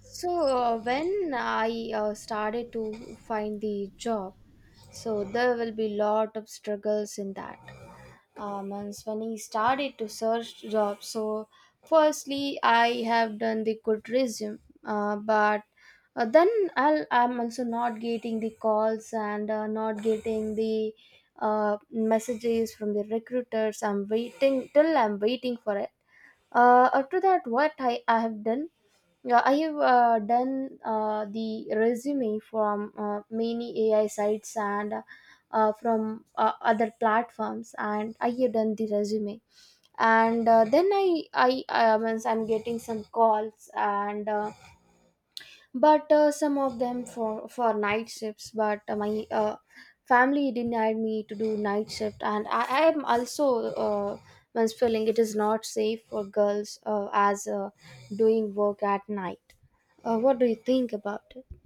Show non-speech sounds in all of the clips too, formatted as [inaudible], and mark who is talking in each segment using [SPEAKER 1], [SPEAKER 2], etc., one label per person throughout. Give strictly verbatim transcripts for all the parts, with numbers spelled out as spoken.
[SPEAKER 1] So uh, when I uh, started to find the job, so there will be lot of struggles in that. Um, and when I started to search jobs, so firstly I have done the good resume, uh, but uh, then I'll, I'm also not getting the calls and uh, not getting the uh, messages from the recruiters. I'm waiting till I'm waiting for uh, after that, what I, I have done, uh, I have uh, done uh, the resume from uh, many A I sites and uh, from uh, other platforms, and I have done the resume. And uh, then I I I means I'm getting some calls and uh, but uh, some of them for for night shifts, but uh, my uh, family denied me to do night shift, and i, I am also uh, once feeling it is not safe for girls uh, as uh, doing work at night. Uh, what do you think about it?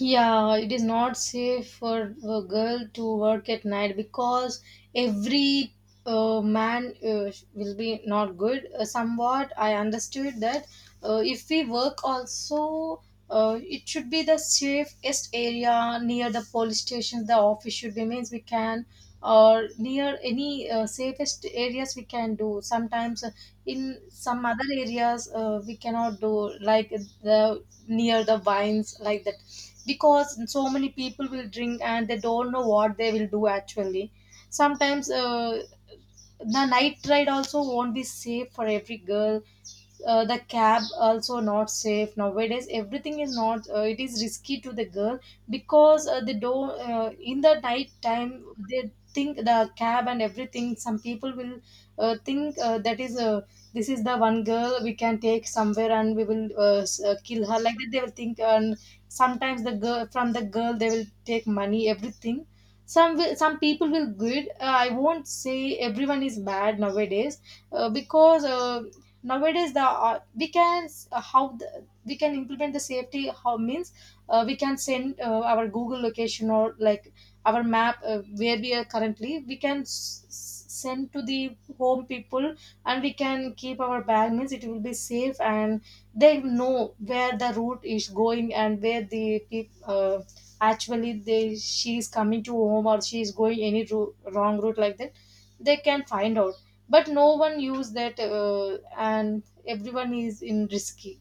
[SPEAKER 2] Yeah, it is not safe for a girl to work at night because every uh, man uh, will be not good. Uh, somewhat, I understood that uh, if we work also, uh, it should be the safest area near the police station. The office should be means we can or near any uh, safest areas we can do. Sometimes uh, in some other areas uh, we cannot do like the near the vines like that because so many people will drink and they don't know what they will do actually sometimes uh, the night ride also won't be safe for every girl. Uh, the cab also not safe nowadays, everything is not uh, it is risky to the girl because uh, they don't uh, in the night time they think the cab and everything some people will uh, think uh, that is uh, this is the one girl we can take somewhere and we will uh, s- uh, kill her like that they will think. And sometimes the girl from the girl they will take money everything. Some will, some people will good. uh, I won't say everyone is bad nowadays. Uh, because uh, Nowadays the uh, we can uh, how the, we can implement the safety how means uh, we can send uh, our Google location or like our map uh, where we are currently we can s- s- send to the home people, and we can keep our bag means it will be safe, and they know where the route is going and where the peop- uh, actually they, she is coming to home or she is going any ru- wrong route, like that they can find out. But no one used that, uh, and everyone is in risky.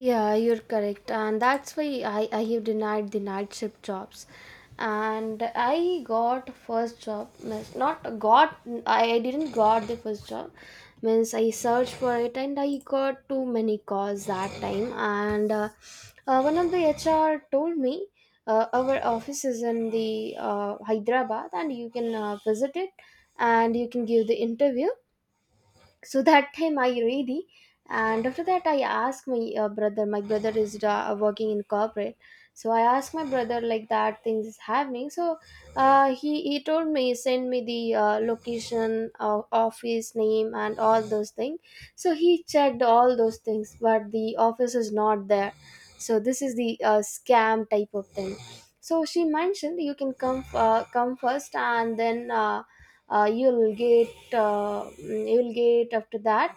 [SPEAKER 1] Yeah, you're correct. And that's why I, I have denied the night shift jobs. And I got first job, means not got, I I didn't got the first job. Means I searched for it and I got too many calls that time. And uh, uh, one of the H R told me uh, our office is in the uh, Hyderabad, and you can uh, visit it and you can give the interview. So that time I read it, and after that I asked my uh, brother my brother is uh, working in corporate, so I asked my brother like that things is happening. So uh, he he told me, send me the uh, location, uh, office name, and all those things. So he checked all those things, but the office is not there. So this is the uh, scam type of thing. So she mentioned you can come uh, come first, and then uh, uh, you'll get uh, mm, you'll get after that,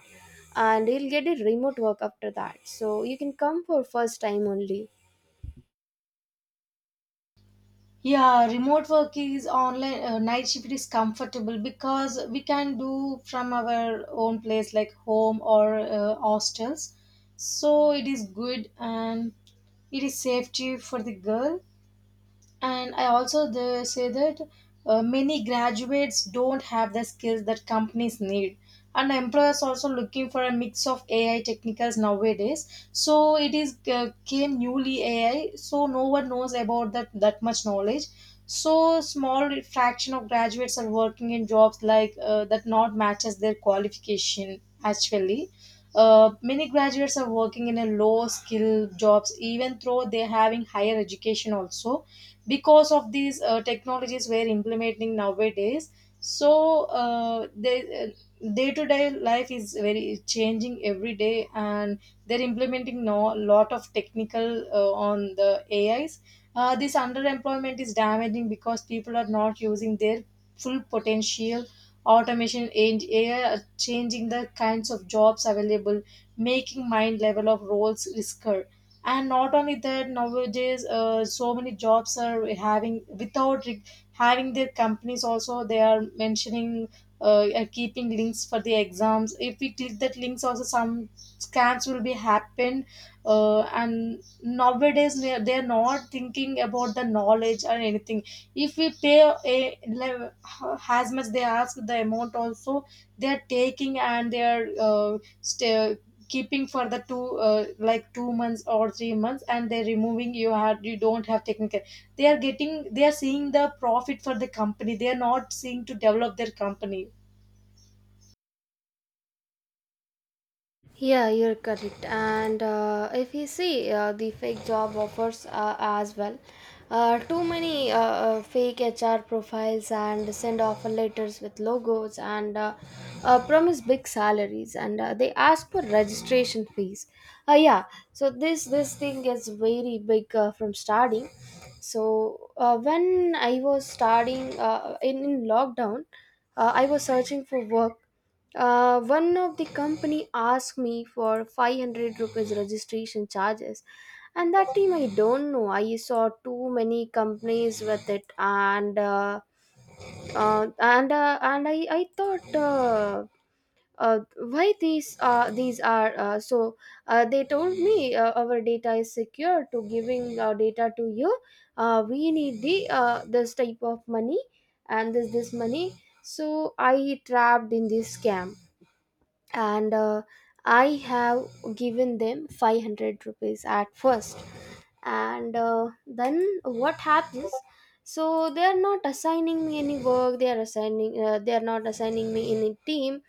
[SPEAKER 1] and you'll get a remote work after that, so you can come for first time only.
[SPEAKER 2] Yeah, remote work is online. Uh, night shift is comfortable because we can do from our own place, like home or uh, hostels. So it is good, and it is safety for the girl. And I also, they say that uh, many graduates don't have the skills that companies need, and employers also looking for a mix of ai technicals nowadays, so it is uh, came newly ai, so no one knows about that that much knowledge. So small fraction of graduates are working in jobs like uh, that not matches their qualification actually. Uh, many graduates are working in a low skill jobs even though they having higher education also, because of these uh, technologies we're implementing nowadays. So uh, they uh, day-to-day life is very changing every day, and they're implementing no lot of technical uh, on the ais. Uh, this underemployment is damaging because people are not using their full potential. Automation and ai are changing the kinds of jobs available, making mind level of roles riskier. And not only that, nowadays uh, so many jobs are having without re- having their companies also they are mentioning uh, are keeping links for the exams. If we click that links also, some scams will be happen. Uh, and nowadays they are they are not thinking about the knowledge or anything. If we pay a, le- as much they ask the amount also, they're taking, and they're uh, st- keeping for the two uh, like two months or three months, and they're removing you had you don't have technical. They are getting, they are seeing the profit for the company, they are not seeing to develop their company.
[SPEAKER 1] Yeah, you're correct. And uh, if you see uh, the fake job offers uh, as well, uh, too many uh, uh, fake H R profiles and send offer letters with logos, and uh, uh, promise big salaries, and uh, they ask for registration fees. Uh, yeah, so this this thing gets very big uh, from starting. So uh, when I was starting uh, in, in lockdown, uh, I was searching for work. Uh, one of the company asked me for five hundred rupees registration charges, and that time I don't know, I saw too many companies with it, and uh, uh, and uh, and i i thought, uh, uh, why these uh, these are uh, so. Uh, they told me uh, our data is secure to giving our data to you, uh, we need the uh, this type of money and this this money. So I trapped in this scam, and uh, I have given them five hundred rupees at first. And uh, then what happens, so they are not assigning me any work, they are assigning uh, they are not assigning me any team,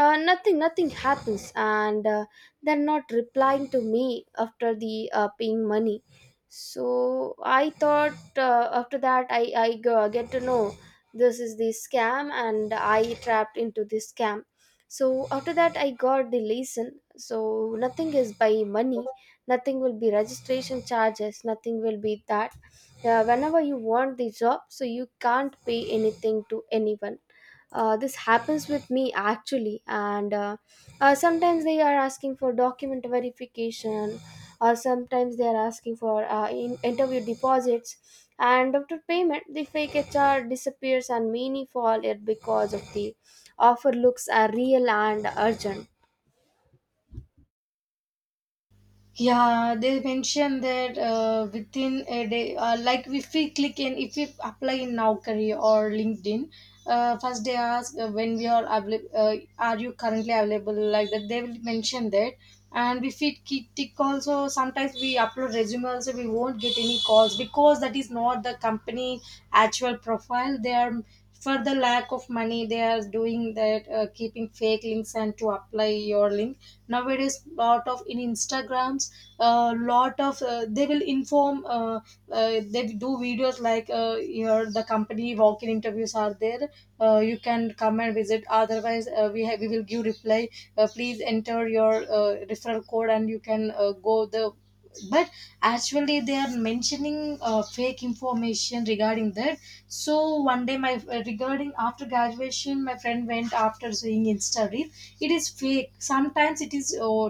[SPEAKER 1] uh, nothing nothing happens, and uh, they're not replying to me after the uh, paying money. So I thought, uh, after that i i go- get to know this is the scam and I trapped into this scam. So after that I got the lesson, so nothing is by money, nothing will be registration charges, nothing will be that. Uh, whenever you want the job, so you can't pay anything to anyone. Uh, this happens with me actually, and uh, uh, sometimes they are asking for document verification, or sometimes they are asking for uh, in- interview deposits. And after payment the fake HR disappears, and many fall it because of the offer looks are real and urgent.
[SPEAKER 2] Yeah, they mentioned that uh, within a day, uh, like if we click in, if we apply in Naukri or LinkedIn, uh, first they ask uh, when we are available, uh, are you currently available, like that. They will mention that. And if we keep tick also, sometimes we upload resume also, we won't get any calls because that is not the company actual profile. They are, for the lack of money, they are doing that, uh, keeping fake links and to apply your link. Nowadays lot of in instagrams, a lot of uh, they will inform uh, uh, they do videos like uh, your the company walk-in interviews are there. Uh, you can come and visit, otherwise uh, we have we will give reply. Uh, please enter your uh, referral code and you can uh, go the. But actually they are mentioning uh, fake information regarding that. So one day my uh, regarding after graduation, my friend went after seeing insta reel. It is fake, sometimes it is uh,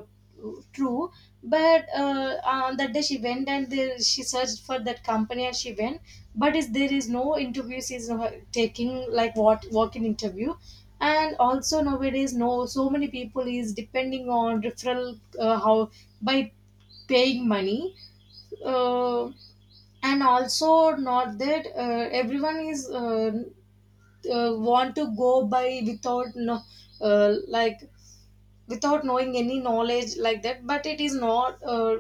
[SPEAKER 2] true. But uh, on that day she went and there, she searched for that company and she went, but is there is no interview. She's uh, taking like what work interview. And also nowadays no so many people is depending on referral, uh, how by paying money. uh, and also not that uh, everyone is uh, uh, want to go by without no uh, like without knowing any knowledge like that, but it is not uh,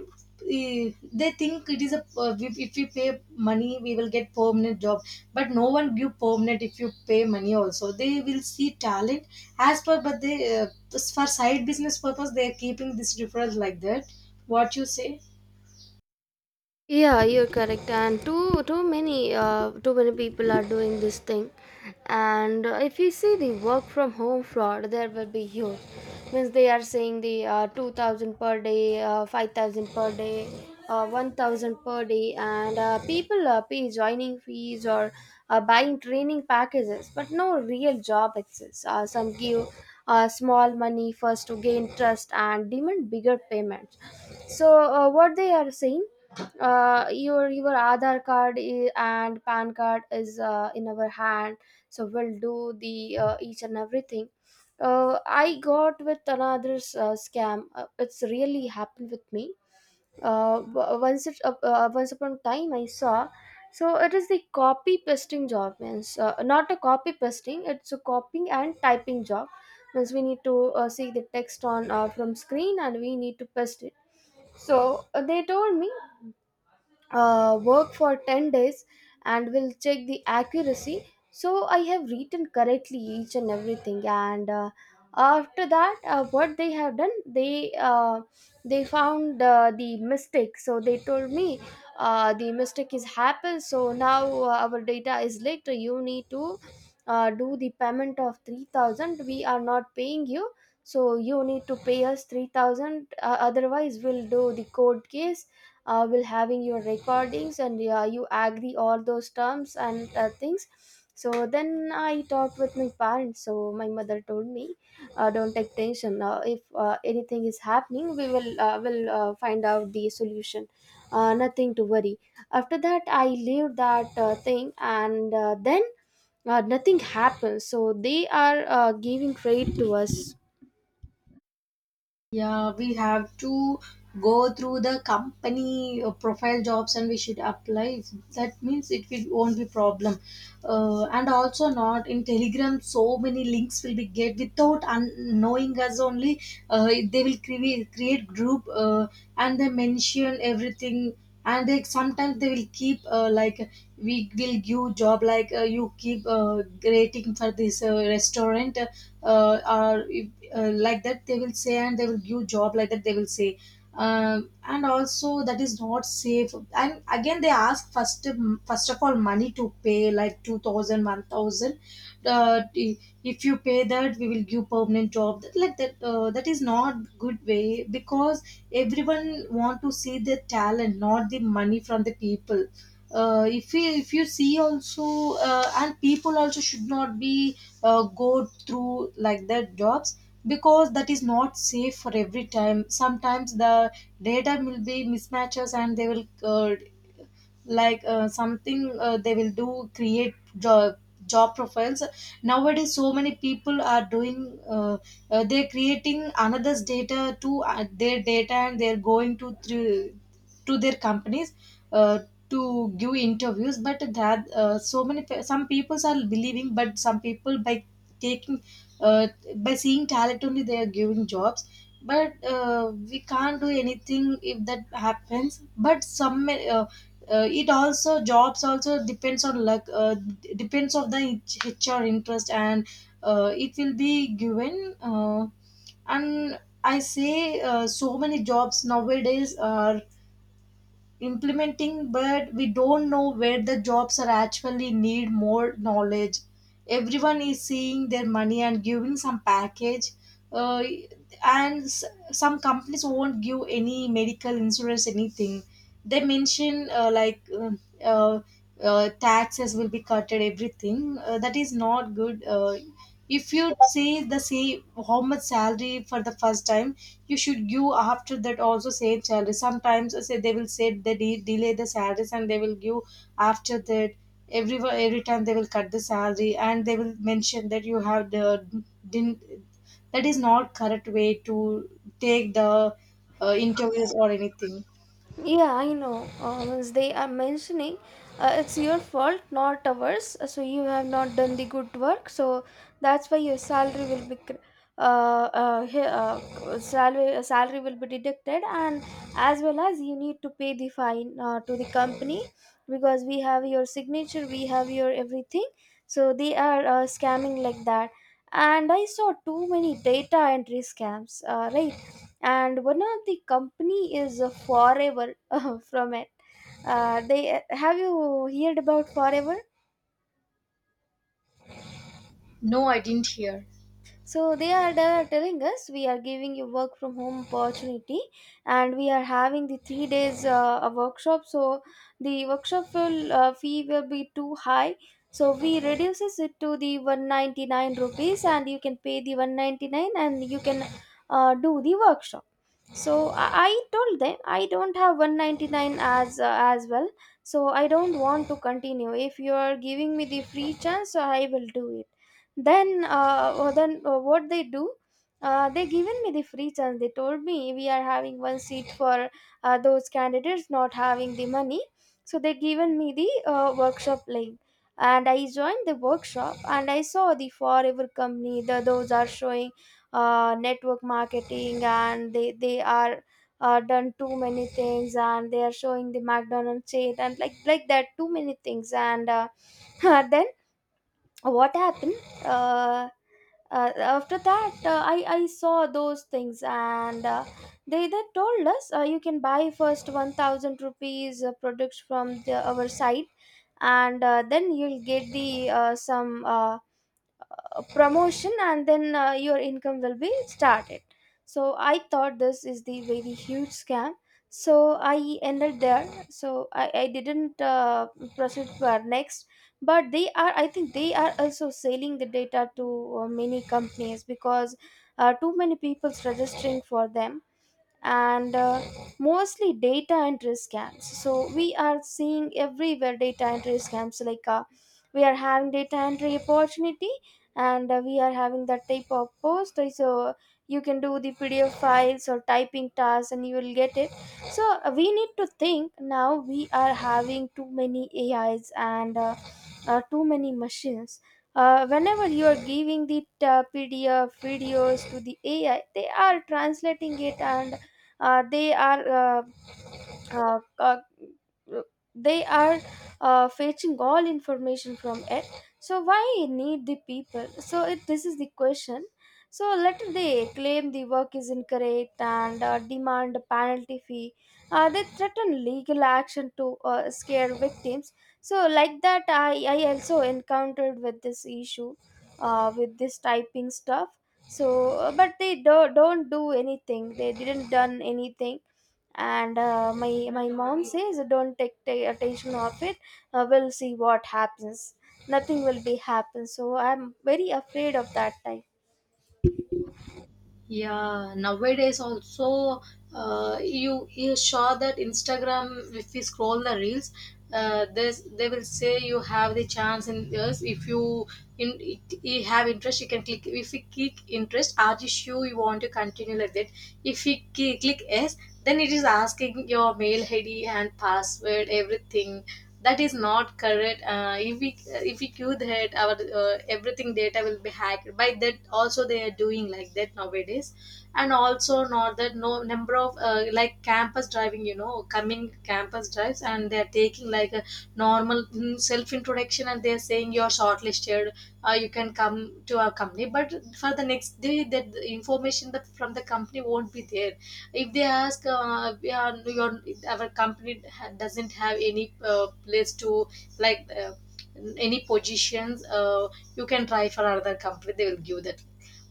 [SPEAKER 2] eh, they think it is a uh, if, if we pay money we will get permanent job. But no one give permanent. If you pay money also, they will see talent as per. But they uh, for side business purpose they are keeping this referral like that. What you say?
[SPEAKER 1] Yeah, you're correct. And too too many uh, too many people are doing this thing. And uh, if you see the work from home fraud, there will be huge. Means they are saying the uh, two thousand per day, uh, five thousand per day, uh, one thousand per day, and uh, people uh, pay joining fees, or uh, buying training packages, but no real job exists. Uh, some give uh, small money first to gain trust and demand bigger payments. So uh, what they are saying, uh, your your Aadhaar card i- and PAN card is uh, in our hand, so we'll do the uh, each and everything. Uh, I got with another uh, scam. Uh, it's really happened with me. Uh, w- once it uh, uh, once upon a time I saw. So it is the copy pasting job, means uh, not a copy pasting, it's a copying and typing job. Means we need to uh, see the text on uh, from screen and we need to paste it. So uh, they told me uh, work for ten days and will check the accuracy. So I have written correctly each and everything, and uh, after that uh, what they have done, they uh, they found uh, the mistake. So they told me uh, the mistake is happened, so now uh, our data is leaked, you need to uh, do the payment of three thousand, we are not paying you, so you need to pay us three thousand. Uh, otherwise we'll do the court case, uh, will having your recordings, and yeah, you agree all those terms and uh, things. So then I talked with my parents, so my mother told me, uh, don't take tension, uh, if uh, anything is happening, we will uh, will uh, find out the solution, uh, nothing to worry. After that I leave that uh, thing, and uh, then uh, nothing happens, so they are uh, giving credit to us.
[SPEAKER 2] Yeah, we have to go through the company uh, profile jobs and we should apply. That means it will, won't be problem. Uh, and also not in Telegram, so many links will be get without un- knowing us only. Uh, they will create create group uh, and they mention everything. And they sometimes they will keep uh, like we will give job like uh, you keep uh, rating for this uh, restaurant uh, or if, uh, like that they will say, and they will give job like that they will say. Um, and also that is not safe, and again they ask first, first of all money to pay like two thousand, one thousand uh, i- if you pay that we will give permanent job that like that. Uh, that is not good way because everyone want to see the talent, not the money from the people. Uh, if you, if you see also uh, and people also should not be uh, go through like that jobs, because that is not safe for every time. Sometimes the data will be mismatches, and they will uh, like uh, something uh, they will do create job, job profiles. Nowadays so many people are doing uh, uh, they're creating another's data to uh, their data, and they're going to through to their companies uh, to give interviews. But that uh, so many pe- some people are believing, but some people by taking uh, by seeing talent only they are giving jobs. But uh, we can't do anything if that happens. But some uh, uh, it also, jobs also depends on luck, uh, d- depends on the hr interest, and uh, it will be given. Uh, and I say uh, so many jobs nowadays are implementing, but we don't know where the jobs are actually need more knowledge. Everyone is seeing their money and giving some package. uh, and s- some companies won't give any medical insurance anything. They mention uh, like uh, uh, uh, taxes will be cutted, everything. Uh, that is not good. Uh, if you say the same, how much salary for the first time you should give, after that also same salary. Sometimes uh, say they will say they de- delay the salaries, and they will give after that. every every time they will cut the salary and they will mention that you have the didn't. That is not correct way to take the uh, interviews or anything.
[SPEAKER 1] Yeah, I know. Uh, once they are mentioning, uh, it's your fault, not ours. Uh, So you have not done the good work. So that's why your salary will be, cr- uh, uh, he- uh, salary uh, salary will be deducted, and as well as you need to pay the fine uh, to the company, because we have your signature, we have your everything. So they are uh, scamming like that, and I saw too many data entry scams. Uh, right. And one of the company is uh, forever [laughs] from it. Uh, they have, you heard about forever?
[SPEAKER 2] No, I didn't hear.
[SPEAKER 1] So they are the- telling us we are giving you work from home opportunity, and we are having the three days uh, a workshop. So the workshop will uh, fee will be too high, so we reduces it to the one hundred ninety-nine rupees, and you can pay the one hundred ninety-nine and you can uh, do the workshop. So i I told them I don't have one hundred ninety-nine as uh, as well, so I don't want to continue. If you are giving me the free chance, so I will do it. Then uh, oh, then uh, what they do, uh, they given me the free chance. They told me we are having one seat for uh, those candidates not having the money. So they given me the uh, workshop link, and I joined the workshop, and I saw the forever company. The those are showing uh, network marketing, and they they are uh, done too many things, and they are showing the McDonald's chain and like like that too many things, and uh, [laughs] then what happened. uh, uh, After that uh, i i saw those things, and uh, they they told us uh, you can buy first one thousand rupees uh, products from the, our site, and uh, then you'll get the uh, some uh, uh, promotion, and then uh, your income will be started. So I thought this is the very huge scam. So I ended there, so i, I didn't uh, proceed for next. But they are, I think they are also selling the data to uh, many companies, because uh, too many people's registering for them. And uh, mostly data entry scams, so we are seeing everywhere data entry scams, like uh, we are having data entry opportunity, and uh, we are having that type of post. Uh, so you can do the P D F files or typing tasks and you will get it. So uh, we need to think, now we are having too many A Is, and uh, uh, too many machines. Uh, whenever you are giving the uh, P D F videos to the A I, they are translating it, and uh, they are uh, uh, uh, they are uh, fetching all information from it. So why need the people? So it, this is the question. So let they claim the work is incorrect, and uh, demand a penalty fee. Uh, they threaten legal action to uh, scare victims. So like that i, I also encountered with this issue, uh, with this typing stuff. So uh, but they do, don't do anything, they didn't done anything. And uh, my my mom says don't take, take attention of it, uh, we'll see what happens. Nothing will be happen, so I'm very afraid of that time.
[SPEAKER 2] Yeah, nowadays also uh, you, you saw that instagram if we scroll the reels uh, there's, they will say you have the chance in this. If you in, you have interest you can click. If you click interest, are you sure you want to continue like that. If you ki- click yes, then it is asking your mail id and password everything. That is not correct. Uh, if we, if we queue that, our uh, everything data will be hacked. By that also they are doing like that nowadays. And also not that no, number of uh, like campus driving you know coming campus drives, and they are taking like a normal self introduction, and they are saying you are shortlisted. Uh, you can come to our company, but for the next day that the information that from the company won't be there. If they ask uh, yeah, your, our company ha- doesn't have any uh, place to like uh, any positions. Uh, you can try for another company, they will give that.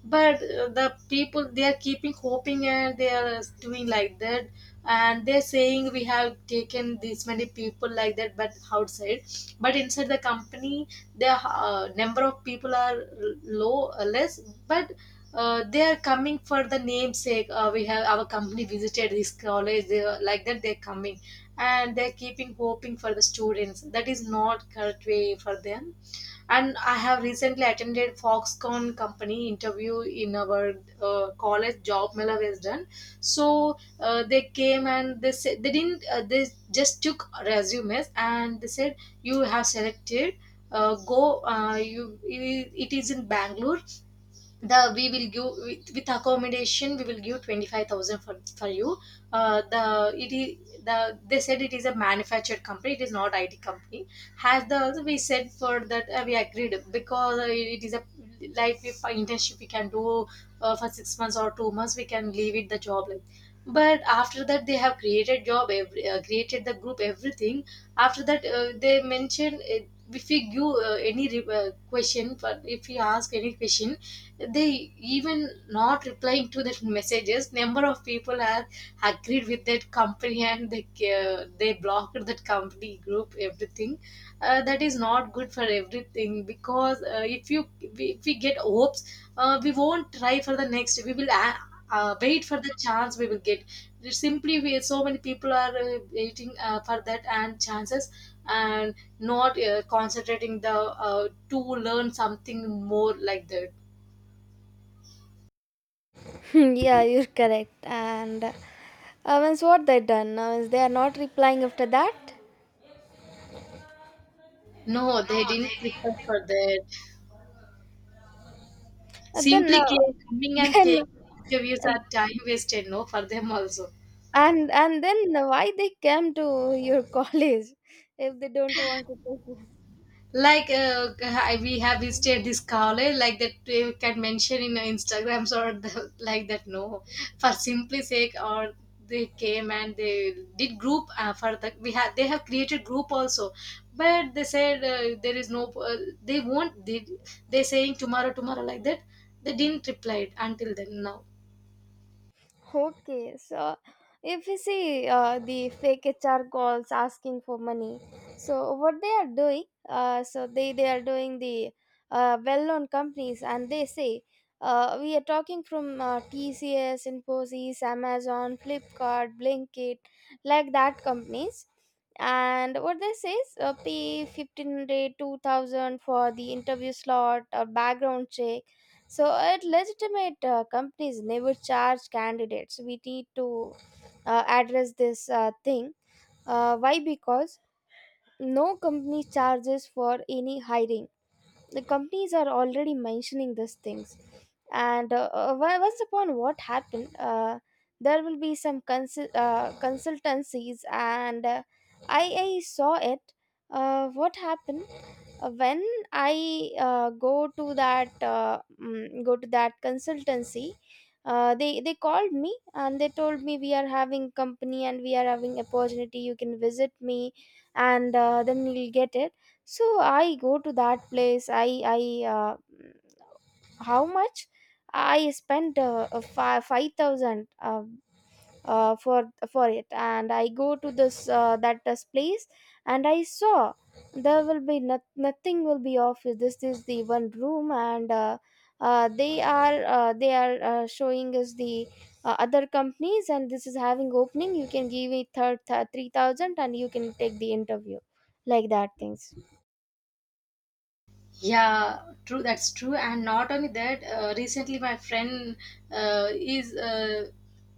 [SPEAKER 2] But uh, the people they are keeping hoping and they are doing like that. And they're saying we have taken this many people like that but outside. But inside the company the uh, number of people are low, uh, less. But uh, they are coming for the namesake, uh, we have our company visited this college they are, like that they're coming, and they're keeping hoping for the students. That is not correct way for them. And I have recently attended Foxconn company interview in our uh, college job mela was done. So uh, they came and they said they didn't uh, they just took resumes and they said you have selected. Uh, go, uh, you it it is in Bangalore. The we will give with, with accommodation, we will give twenty-five thousand for for you. Uh, the it is the they said it is a manufactured company, it is not I T company. Has the we said for that, uh, we agreed because uh, it is a like if for internship we can do. Uh, for six months or two months we can leave it the job like. But after that they have created job every, uh, created the group everything. After that uh, they mentioned, uh, if we give uh, any re- uh, question, for if we ask any question they even not replying to the messages. Number of people are agreed with that company and they uh, they blocked that company group everything. Uh, that is not good for everything, because uh, if you if we get hopes, uh, we won't try for the next. We will uh, uh, wait for the chance we will get. Simply we so many people are uh, waiting uh, for that and chances, and not uh, concentrating the uh, to learn something more like that.
[SPEAKER 1] [laughs] Yeah, you're correct. And uh, means what they done? Uh, means they are not replying after that.
[SPEAKER 2] No, they didn't prepare for that.
[SPEAKER 1] Uh, then, uh,
[SPEAKER 2] Simply came, coming
[SPEAKER 1] [laughs]
[SPEAKER 2] and
[SPEAKER 1] then,
[SPEAKER 2] taking interviews
[SPEAKER 1] uh,
[SPEAKER 2] are time wasted, no, for them also.
[SPEAKER 1] and and then why they came to your [laughs] college if they don't want to take you?
[SPEAKER 2] Like uh, I- we have visited this college, like that we can mention in Instagrams or the, like that. No, for simply sake, or they came and they did group uh, for the we have they have created group also, but they said uh, there is no uh, they won't they they saying tomorrow tomorrow like that. They didn't reply until then now.
[SPEAKER 1] Okay, so if you see uh, the fake H R calls asking for money, so what they are doing, uh, so they, they are doing the uh, well known companies and they say, uh, we are talking from uh, T C S, Infosys, Amazon, Flipkart, Blinkit, like that companies. And what they say is uh, pay fifteen hundred two thousand for the interview slot or background check, so at legitimate uh, companies never charge candidates. We need to uh, address this uh, thing. Uh, why? Because no company charges for any hiring. The companies are already mentioning these things, and uh, uh, on- once upon what happened, uh, there will be some consul- uh, consultancies and uh, I, I saw it. Uh, what happened uh, when i uh, go to that uh, mm, go to that consultancy. uh, they they called me and they told me, we are having company and we are having opportunity, you can visit me and uh, then you'll get it. So I go to that place. I i uh, how much I spent uh, uh, fi- five thousand uh, uh, for for it, and I go to this uh, that this place. And I saw there will be not, nothing will be off. This is the one room, and uh, uh, they are uh, they are uh, showing us the uh, other companies, and this is having opening, you can give it third th- three thousand and you can take the interview, like that things.
[SPEAKER 2] Yeah, true. That's true. And not only that, uh, recently my friend uh, is uh,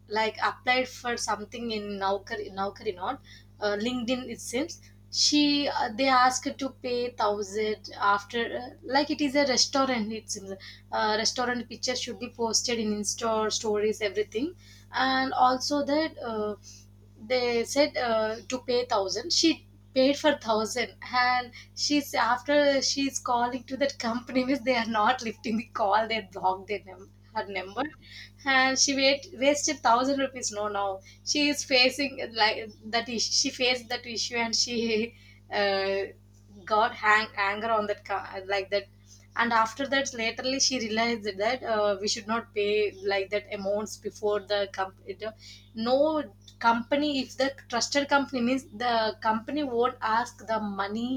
[SPEAKER 2] like applied for something in Naukri, Naukri not uh, LinkedIn. It seems she uh, they asked her to pay thousand after uh, like it is a restaurant. It seems uh, restaurant picture should be posted in Insta stories everything, and also that. Uh, they said uh, to pay thousand. She paid for thousand, and she's after she's calling to that company means they are not lifting the call. They blocked their num- her number, and she wait, wasted thousand rupees no. Now she is facing like that issue. She faced that issue and she uh, got hang- anger on that co- like that. And after that laterly she realized that uh, we should not pay like that amounts before the company. No company, if the trusted company means, the company won't ask the money,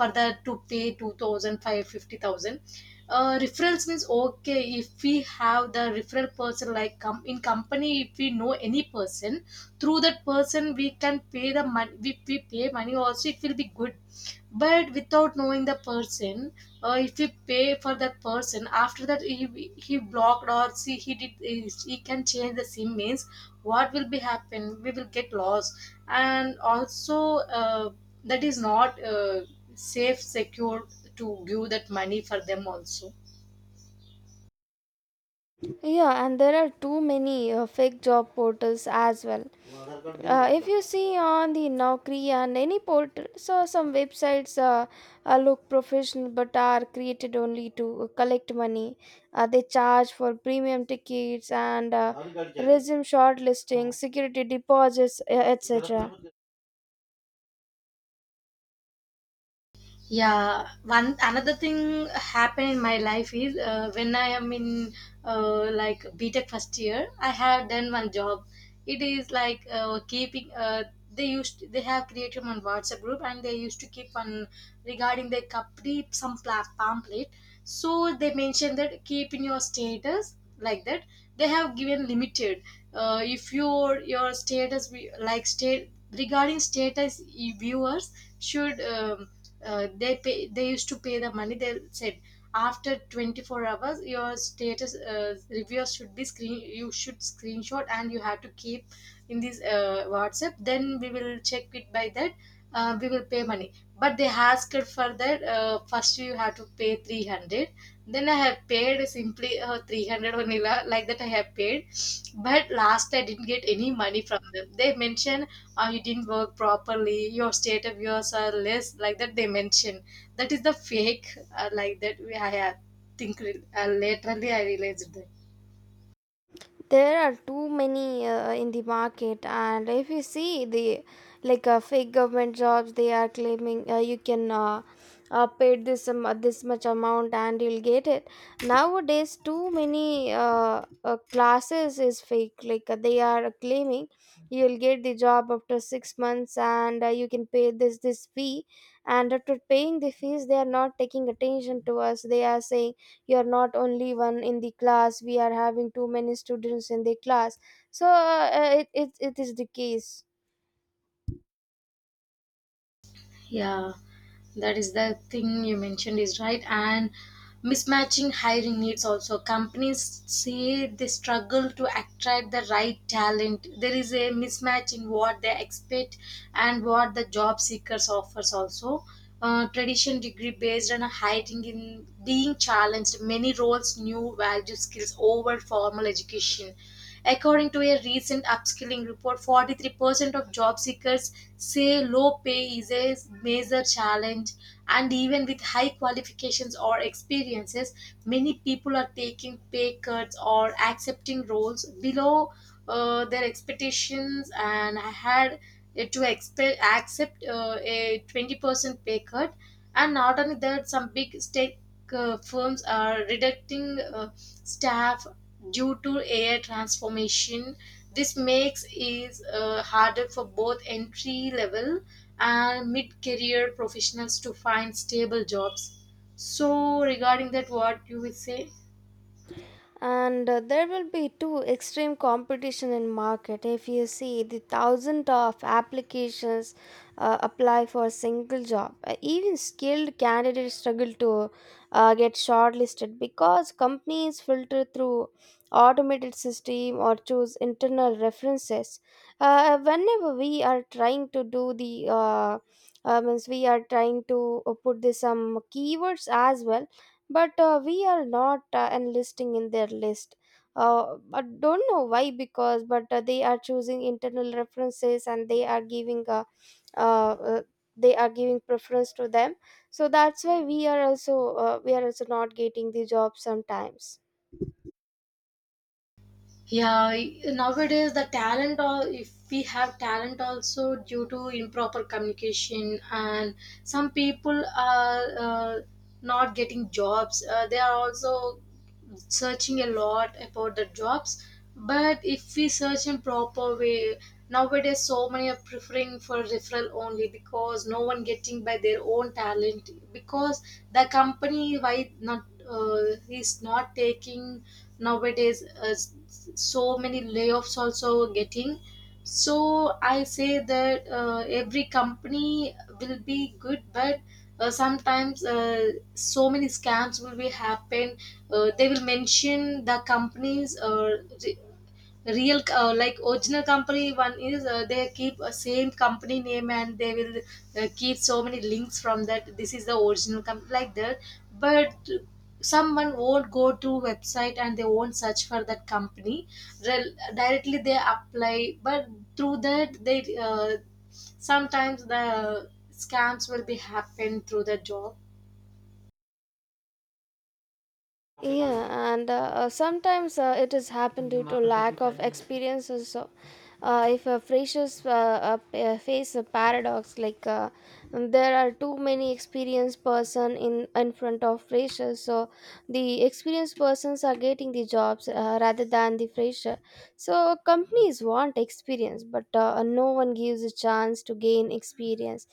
[SPEAKER 2] further to pay two thousand five fifty thousand, fifty thousand. Uh, referrals means okay, if we have the referral person like com- in company, if we know any person, through that person we can pay the money. We, we pay money also, it will be good. But without knowing the person, uh, if we pay for that person, after that he, he blocked or see he did, he can change the sim means what will be happen, we will get lost. And also uh, that is not uh, safe secure to give that money for them also.
[SPEAKER 1] Yeah, and there are too many uh, fake job portals as well. Uh, if you see on the Naukri and any portal, so some websites uh, uh, look professional but are created only to collect money. Uh, they charge for premium tickets and uh, resume shortlisting, security deposits, uh, et cetera.
[SPEAKER 2] Yeah, one another thing happened in my life is uh, when I am in uh, like btech first year. I have done one job. It is like uh, keeping uh, they used they have created one WhatsApp group and they used to keep one regarding their company some pla- pamphlet. So they mentioned that keep in your status like that. They have given limited. Uh, if your your status we- like state regarding status e-, viewers should um, uh, they pay they used to pay the money, they said. After twenty-four hours your status uh, reviewers should be screen, you should screenshot and you have to keep in this uh, WhatsApp, then we will check it by that uh, we will pay money. But they asked for that, uh, first you have to pay three hundred. Then I have paid simply uh, three hundred vanilla like that I have paid. But last I didn't get any money from them. They mention uh, you didn't work properly, your state of yours are less like that they mention. That is the fake, uh, like that we I have think re- uh, laterally I realized that.
[SPEAKER 1] There are too many uh, in the market, and if you see the like uh, fake government jobs, they are claiming uh, you can uh, uh, pay this um, uh, this much amount and you'll get it. Nowadays, too many uh, uh, classes is fake. Like uh, they are claiming you'll get the job after six months, and uh, you can pay this this fee. And after paying the fees, they are not taking attention to us. They are saying you're not only one in the class, we are having too many students in the class. So uh, uh, it, it, it is the case.
[SPEAKER 2] Yeah. That is the thing you mentioned is right. And mismatching hiring needs also, companies say they struggle to attract the right talent. There is a mismatch in what they expect and what the job seekers offers also. Uh, tradition degree based on a hiring in being challenged, many roles new value skills over formal education. According to a recent upskilling report, forty-three percent of job seekers say low pay is a major challenge, and even with high qualifications or experiences, many people are taking pay cuts or accepting roles below uh, their expectations. And I had uh, to expe- accept uh, a twenty percent pay cut, and not only that, some big state uh, firms are reducing uh, staff due to A I transformation. This makes it uh, harder for both entry level and mid career professionals to find stable jobs. So, regarding that, what you will say?
[SPEAKER 1] And uh, there will be too extreme competition in market. If you see the thousand of applications uh, apply for a single job. Uh, even skilled candidates struggle to uh, get shortlisted because companies filter through automated system or choose internal references. Uh, whenever we are trying to do the uh, uh, means we are trying to uh, put this some keywords as well, but uh, we are not uh, enlisting in their list. Uh, i don't know why, because but uh, they are choosing internal references and they are giving a uh, uh, they are giving preference to them. So that's why we are also uh, we are also not getting the job sometimes.
[SPEAKER 2] Yeah, nowadays the talent, or if we have talent also, due to improper communication, and some people are uh, not getting jobs. Uh, they are also searching a lot about the jobs. But if we search in proper way, nowadays so many are preferring for referral only because no one getting by their own talent, because the company why not uh, is not taking nowadays uh, s- so many layoffs also getting. So I say that uh, every company will be good, but uh, sometimes uh, so many scams will be happen. Uh, they will mention the companies uh, real uh, like original company. One is uh, they keep a same company name and they will uh, keep so many links from that, this is the original company like that. But someone won't go to website and they won't search for that company. Rel- directly they apply, but through that they uh, sometimes the scams will be happen through the job.
[SPEAKER 1] Yeah, and uh, uh, sometimes uh, it has happened due to lack of experience also. Uh, if a freshers uh, uh, p- uh, face a paradox, like uh, there are too many experienced person in in front of freshers, so the experienced persons are getting the jobs uh, rather than the fresher. So companies want experience, but uh, no one gives a chance to gain experience.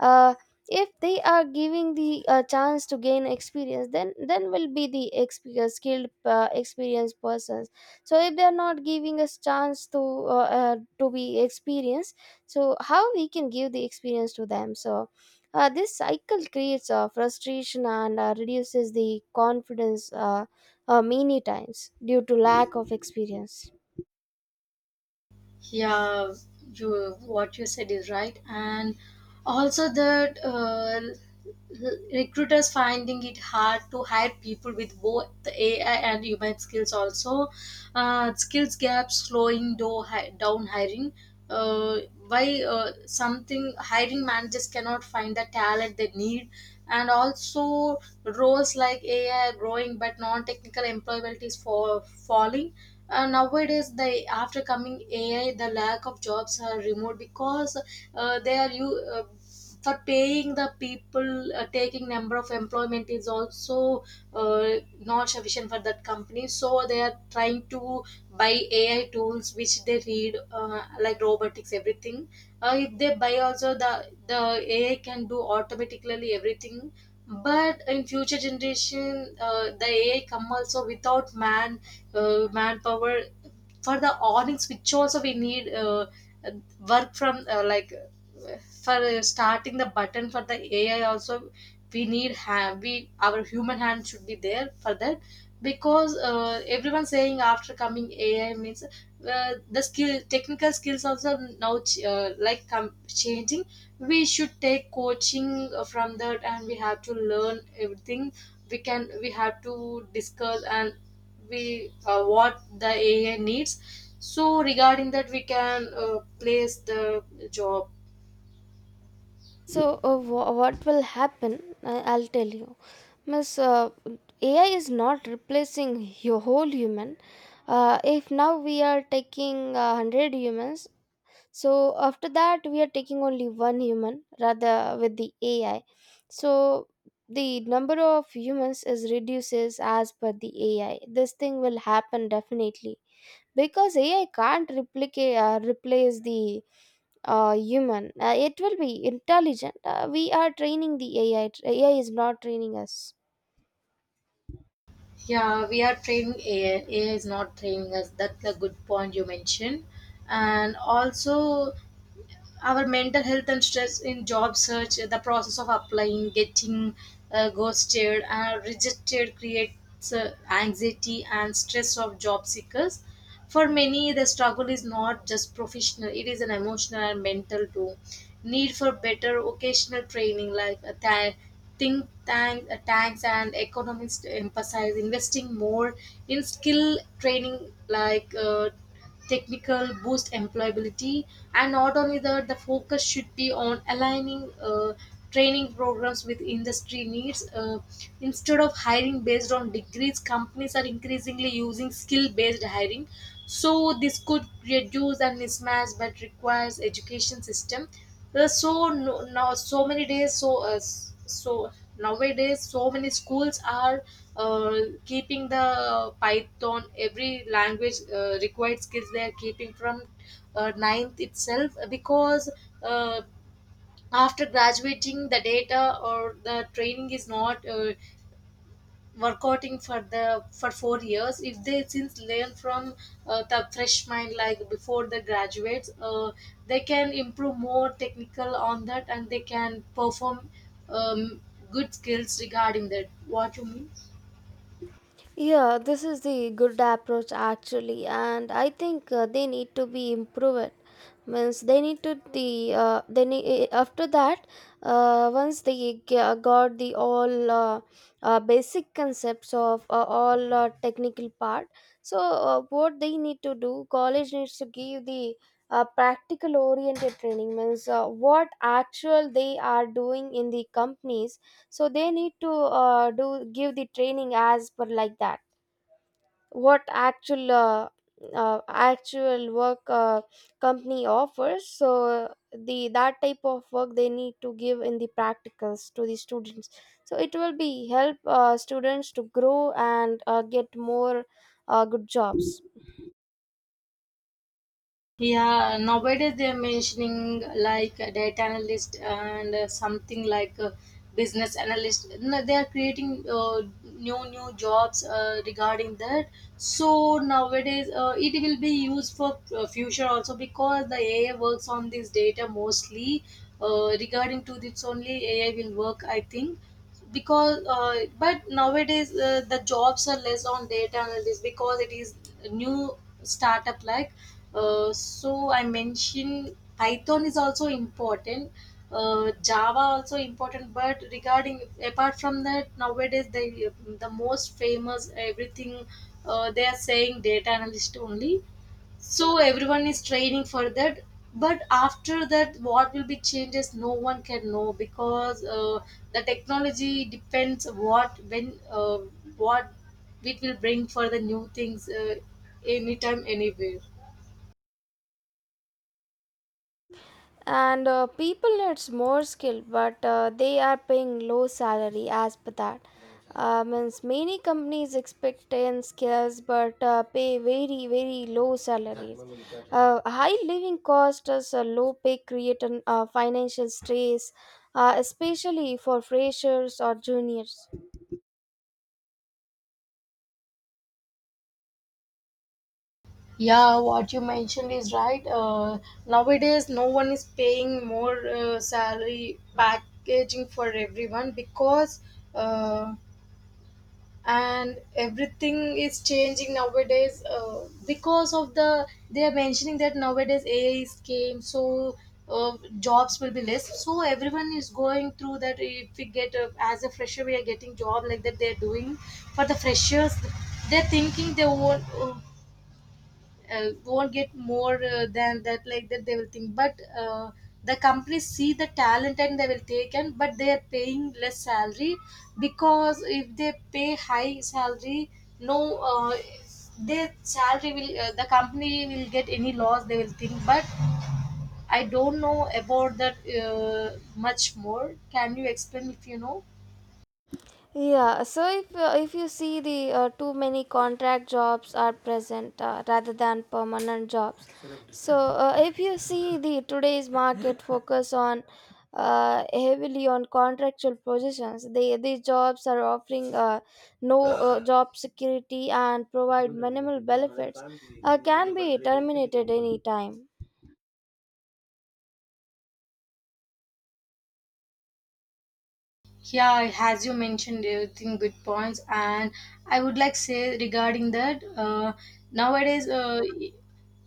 [SPEAKER 1] uh, if they are giving the uh, chance to gain experience, then then will be the experienced skilled uh, experienced persons. So if they are not giving us chance to uh, uh, to be experienced, so how we can give the experience to them? So uh, this cycle creates uh, frustration and uh, reduces the confidence uh, uh, many times due to lack of experience.
[SPEAKER 2] Yeah, you what you said is right. And also that uh, l- recruiters finding it hard to hire people with both the AI and human skills also. Uh, skills gaps slowing do- hi- down hiring. uh, why uh, something hiring managers cannot find the talent they need. And also roles like AI are growing, but non-technical employability is for falling. Uh, nowadays the after coming AI the lack of jobs are removed, because uh, they are you uh, for paying the people uh, taking number of employment is also uh, not sufficient for that company, so they are trying to buy AI tools which they read uh, like robotics everything. Uh, if they buy also, the the AI can do automatically everything. But in future generation uh, the AI come also without man, uh, manpower. For the awnings which also we need, uh, uh, work from uh, like uh, for uh, starting the button for the AI also, we need hand. We our human hand should be there for that. Because uh, everyone saying after coming AI means uh, the skill technical skills also now ch- uh, like come changing. We should take coaching uh, from that and we have to learn everything. We can we have to discuss and we uh, what the A I needs. So regarding that, we can uh, place the job.
[SPEAKER 1] So uh, wha what will happen? I- I'll tell you, Miss, uh, A I is not replacing your whole human. Uh, if now we are taking uh, one hundred humans, so after that we are taking only one human rather with the A I. So the number of humans is reduces as per the A I. This thing will happen definitely because A I can't replicate uh, replace the uh, human. Uh, it will be intelligent. Uh, we are training the A I. A I is not training us.
[SPEAKER 2] Yeah, we are training A I. A I is not training us. That's a good point you mentioned, and also our mental health and stress in job search. The process of applying, getting uh, ghosted and rejected, creates uh, anxiety and stress of job seekers. For many the struggle is not just professional, it is an emotional and mental too. Need for better vocational training like a tha- think tank, uh, tanks and economists emphasize investing more in skill training like uh, technical boost employability. And not only that, the focus should be on aligning uh, training programs with industry needs, uh, instead of hiring based on degrees. Companies are increasingly using skill based hiring, so this could reduce a mismatch but requires education system. There's so no, now so many days, so uh, s- so nowadays so many schools are uh, keeping the Python, every language uh, required skills, they are keeping from uh, ninth itself, because uh, after graduating the data or the training is not uh, workouting for the for four years, if they since learn from uh, the fresh mind like before the graduates, uh, they can improve more technical on that and they can perform um, good skills regarding that, what you mean?
[SPEAKER 1] Yeah, this is the good approach actually, and I think uh, they need to be improved. Means they need to the uh, they need, eh, eh, after that uh, once they g- got the all uh, uh, basic concepts of uh, all uh, technical part. So uh, what they need to do, college needs to give the uh, practical oriented training, means uh, what actual they are doing in the companies. So they need to uh, do give the training as per like that, what actual uh, uh, actual work uh, company offers. So the that type of work they need to give in the practicals to the students, so it will be help uh, students to grow and uh, get more uh, good jobs.
[SPEAKER 2] Yeah, nowadays they're mentioning like a data analyst and uh, something like a business analyst, no? They are creating uh, new new jobs uh, regarding that. So nowadays uh, it will be used for uh, future also, because the A I works on this data mostly. Uh, regarding to this only A I will work, I think, because uh, but nowadays uh, the jobs are less on data analysis, because it is a new startup like. Uh, so I mentioned Python is also important, uh, Java also important, but regarding apart from that, nowadays they the most famous everything, uh, they are saying data analyst only, so everyone is training for that. But after that what will be changes, no one can know, because uh, the technology depends what when uh, what it will bring for the new things uh, anytime anywhere.
[SPEAKER 1] And uh, people needs more skill, but uh, they are paying low salary as per that. Uh, means many companies expect ten skills but uh, pay very, very low salaries. Uh, high living costs as a low pay create an uh, financial stress, uh, especially for freshers or juniors.
[SPEAKER 2] Yeah, what you mentioned is right. Uh, nowadays no one is paying more uh, salary packaging for everyone, because uh, and everything is changing nowadays uh, because of the they are mentioning that nowadays A I is came, so uh, jobs will be less. So everyone is going through that, if we get uh, as a fresher we are getting job, like that they are doing for the freshers. They're thinking they won't uh, uh, won't get more uh, than that like that they will think. But uh, the companies see the talent and they will take, and but they are paying less salary, because if they pay high salary, no uh, their salary will uh, the company will get any loss, they will think. But I don't know about that uh, much more. Can you explain if you know?
[SPEAKER 1] Yeah, so if uh, if you see the uh, too many contract jobs are present uh, rather than permanent jobs. So uh, if you see the today's market focus on uh, heavily on contractual positions, they these jobs are offering uh, no uh, job security and provide minimal benefits. Uh, can be terminated any time.
[SPEAKER 2] Yeah, as you mentioned, everything good points. And I would like say regarding that uh, nowadays uh, e-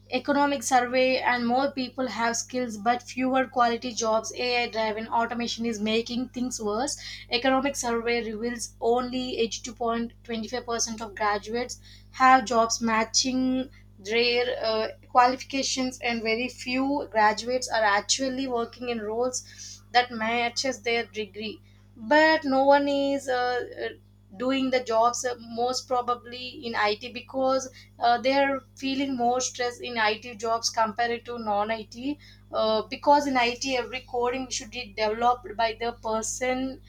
[SPEAKER 2] economic survey, and more people have skills but fewer quality jobs. A I driven automation is making things worse. Economic survey reveals only eighty-two point two five percent of graduates have jobs matching their uh, qualifications, and very few graduates are actually working in roles that matches their degree. But no one is uh, uh, doing the jobs uh, most probably in I T, because uh, they are feeling more stress in I T jobs compared to non-I T, uh, because in I T every coding should be developed by the person.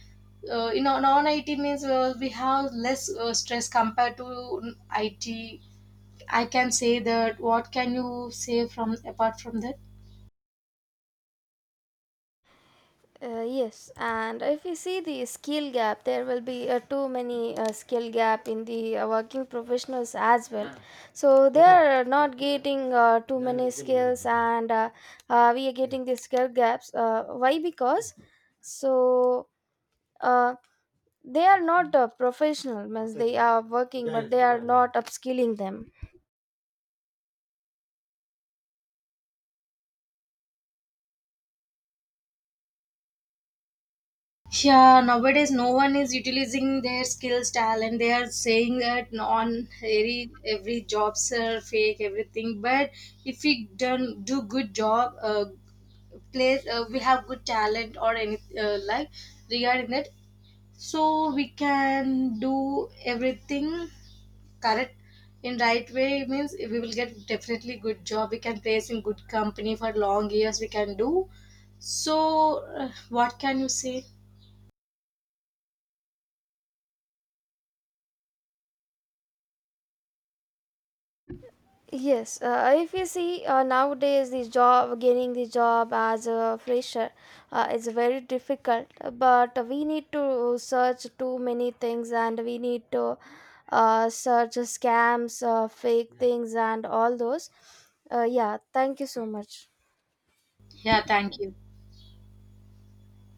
[SPEAKER 2] uh, In non-I T means uh, we have less uh, stress compared to I T, I can say that. What can you say from apart from that?
[SPEAKER 1] Uh, yes, and if we see the skill gap, there will be uh, too many uh, skill gap in the uh, working professionals as well. So they are not getting uh, too many skills, and uh, uh, we are getting the skill gaps. Uh, why? Because so uh, they are not uh, professional, means they are working, but they are not upskilling them.
[SPEAKER 2] Yeah, nowadays no one is utilizing their skills, talent. They are saying that on every every jobs are fake, everything. But if we done do good job, uh, place uh, we have good talent or any uh, like regarding that, so we can do everything correct in right way means we will get definitely good job. We can place in good company for long years. We can do. So, uh, what can you say?
[SPEAKER 1] Yes, uh, if you see uh, nowadays the job gaining the job as a fresher uh, is very difficult. But we need to search too many things, and we need to uh, search scams, uh, fake things, and all those. Uh, yeah, thank you so much.
[SPEAKER 2] Yeah, thank you.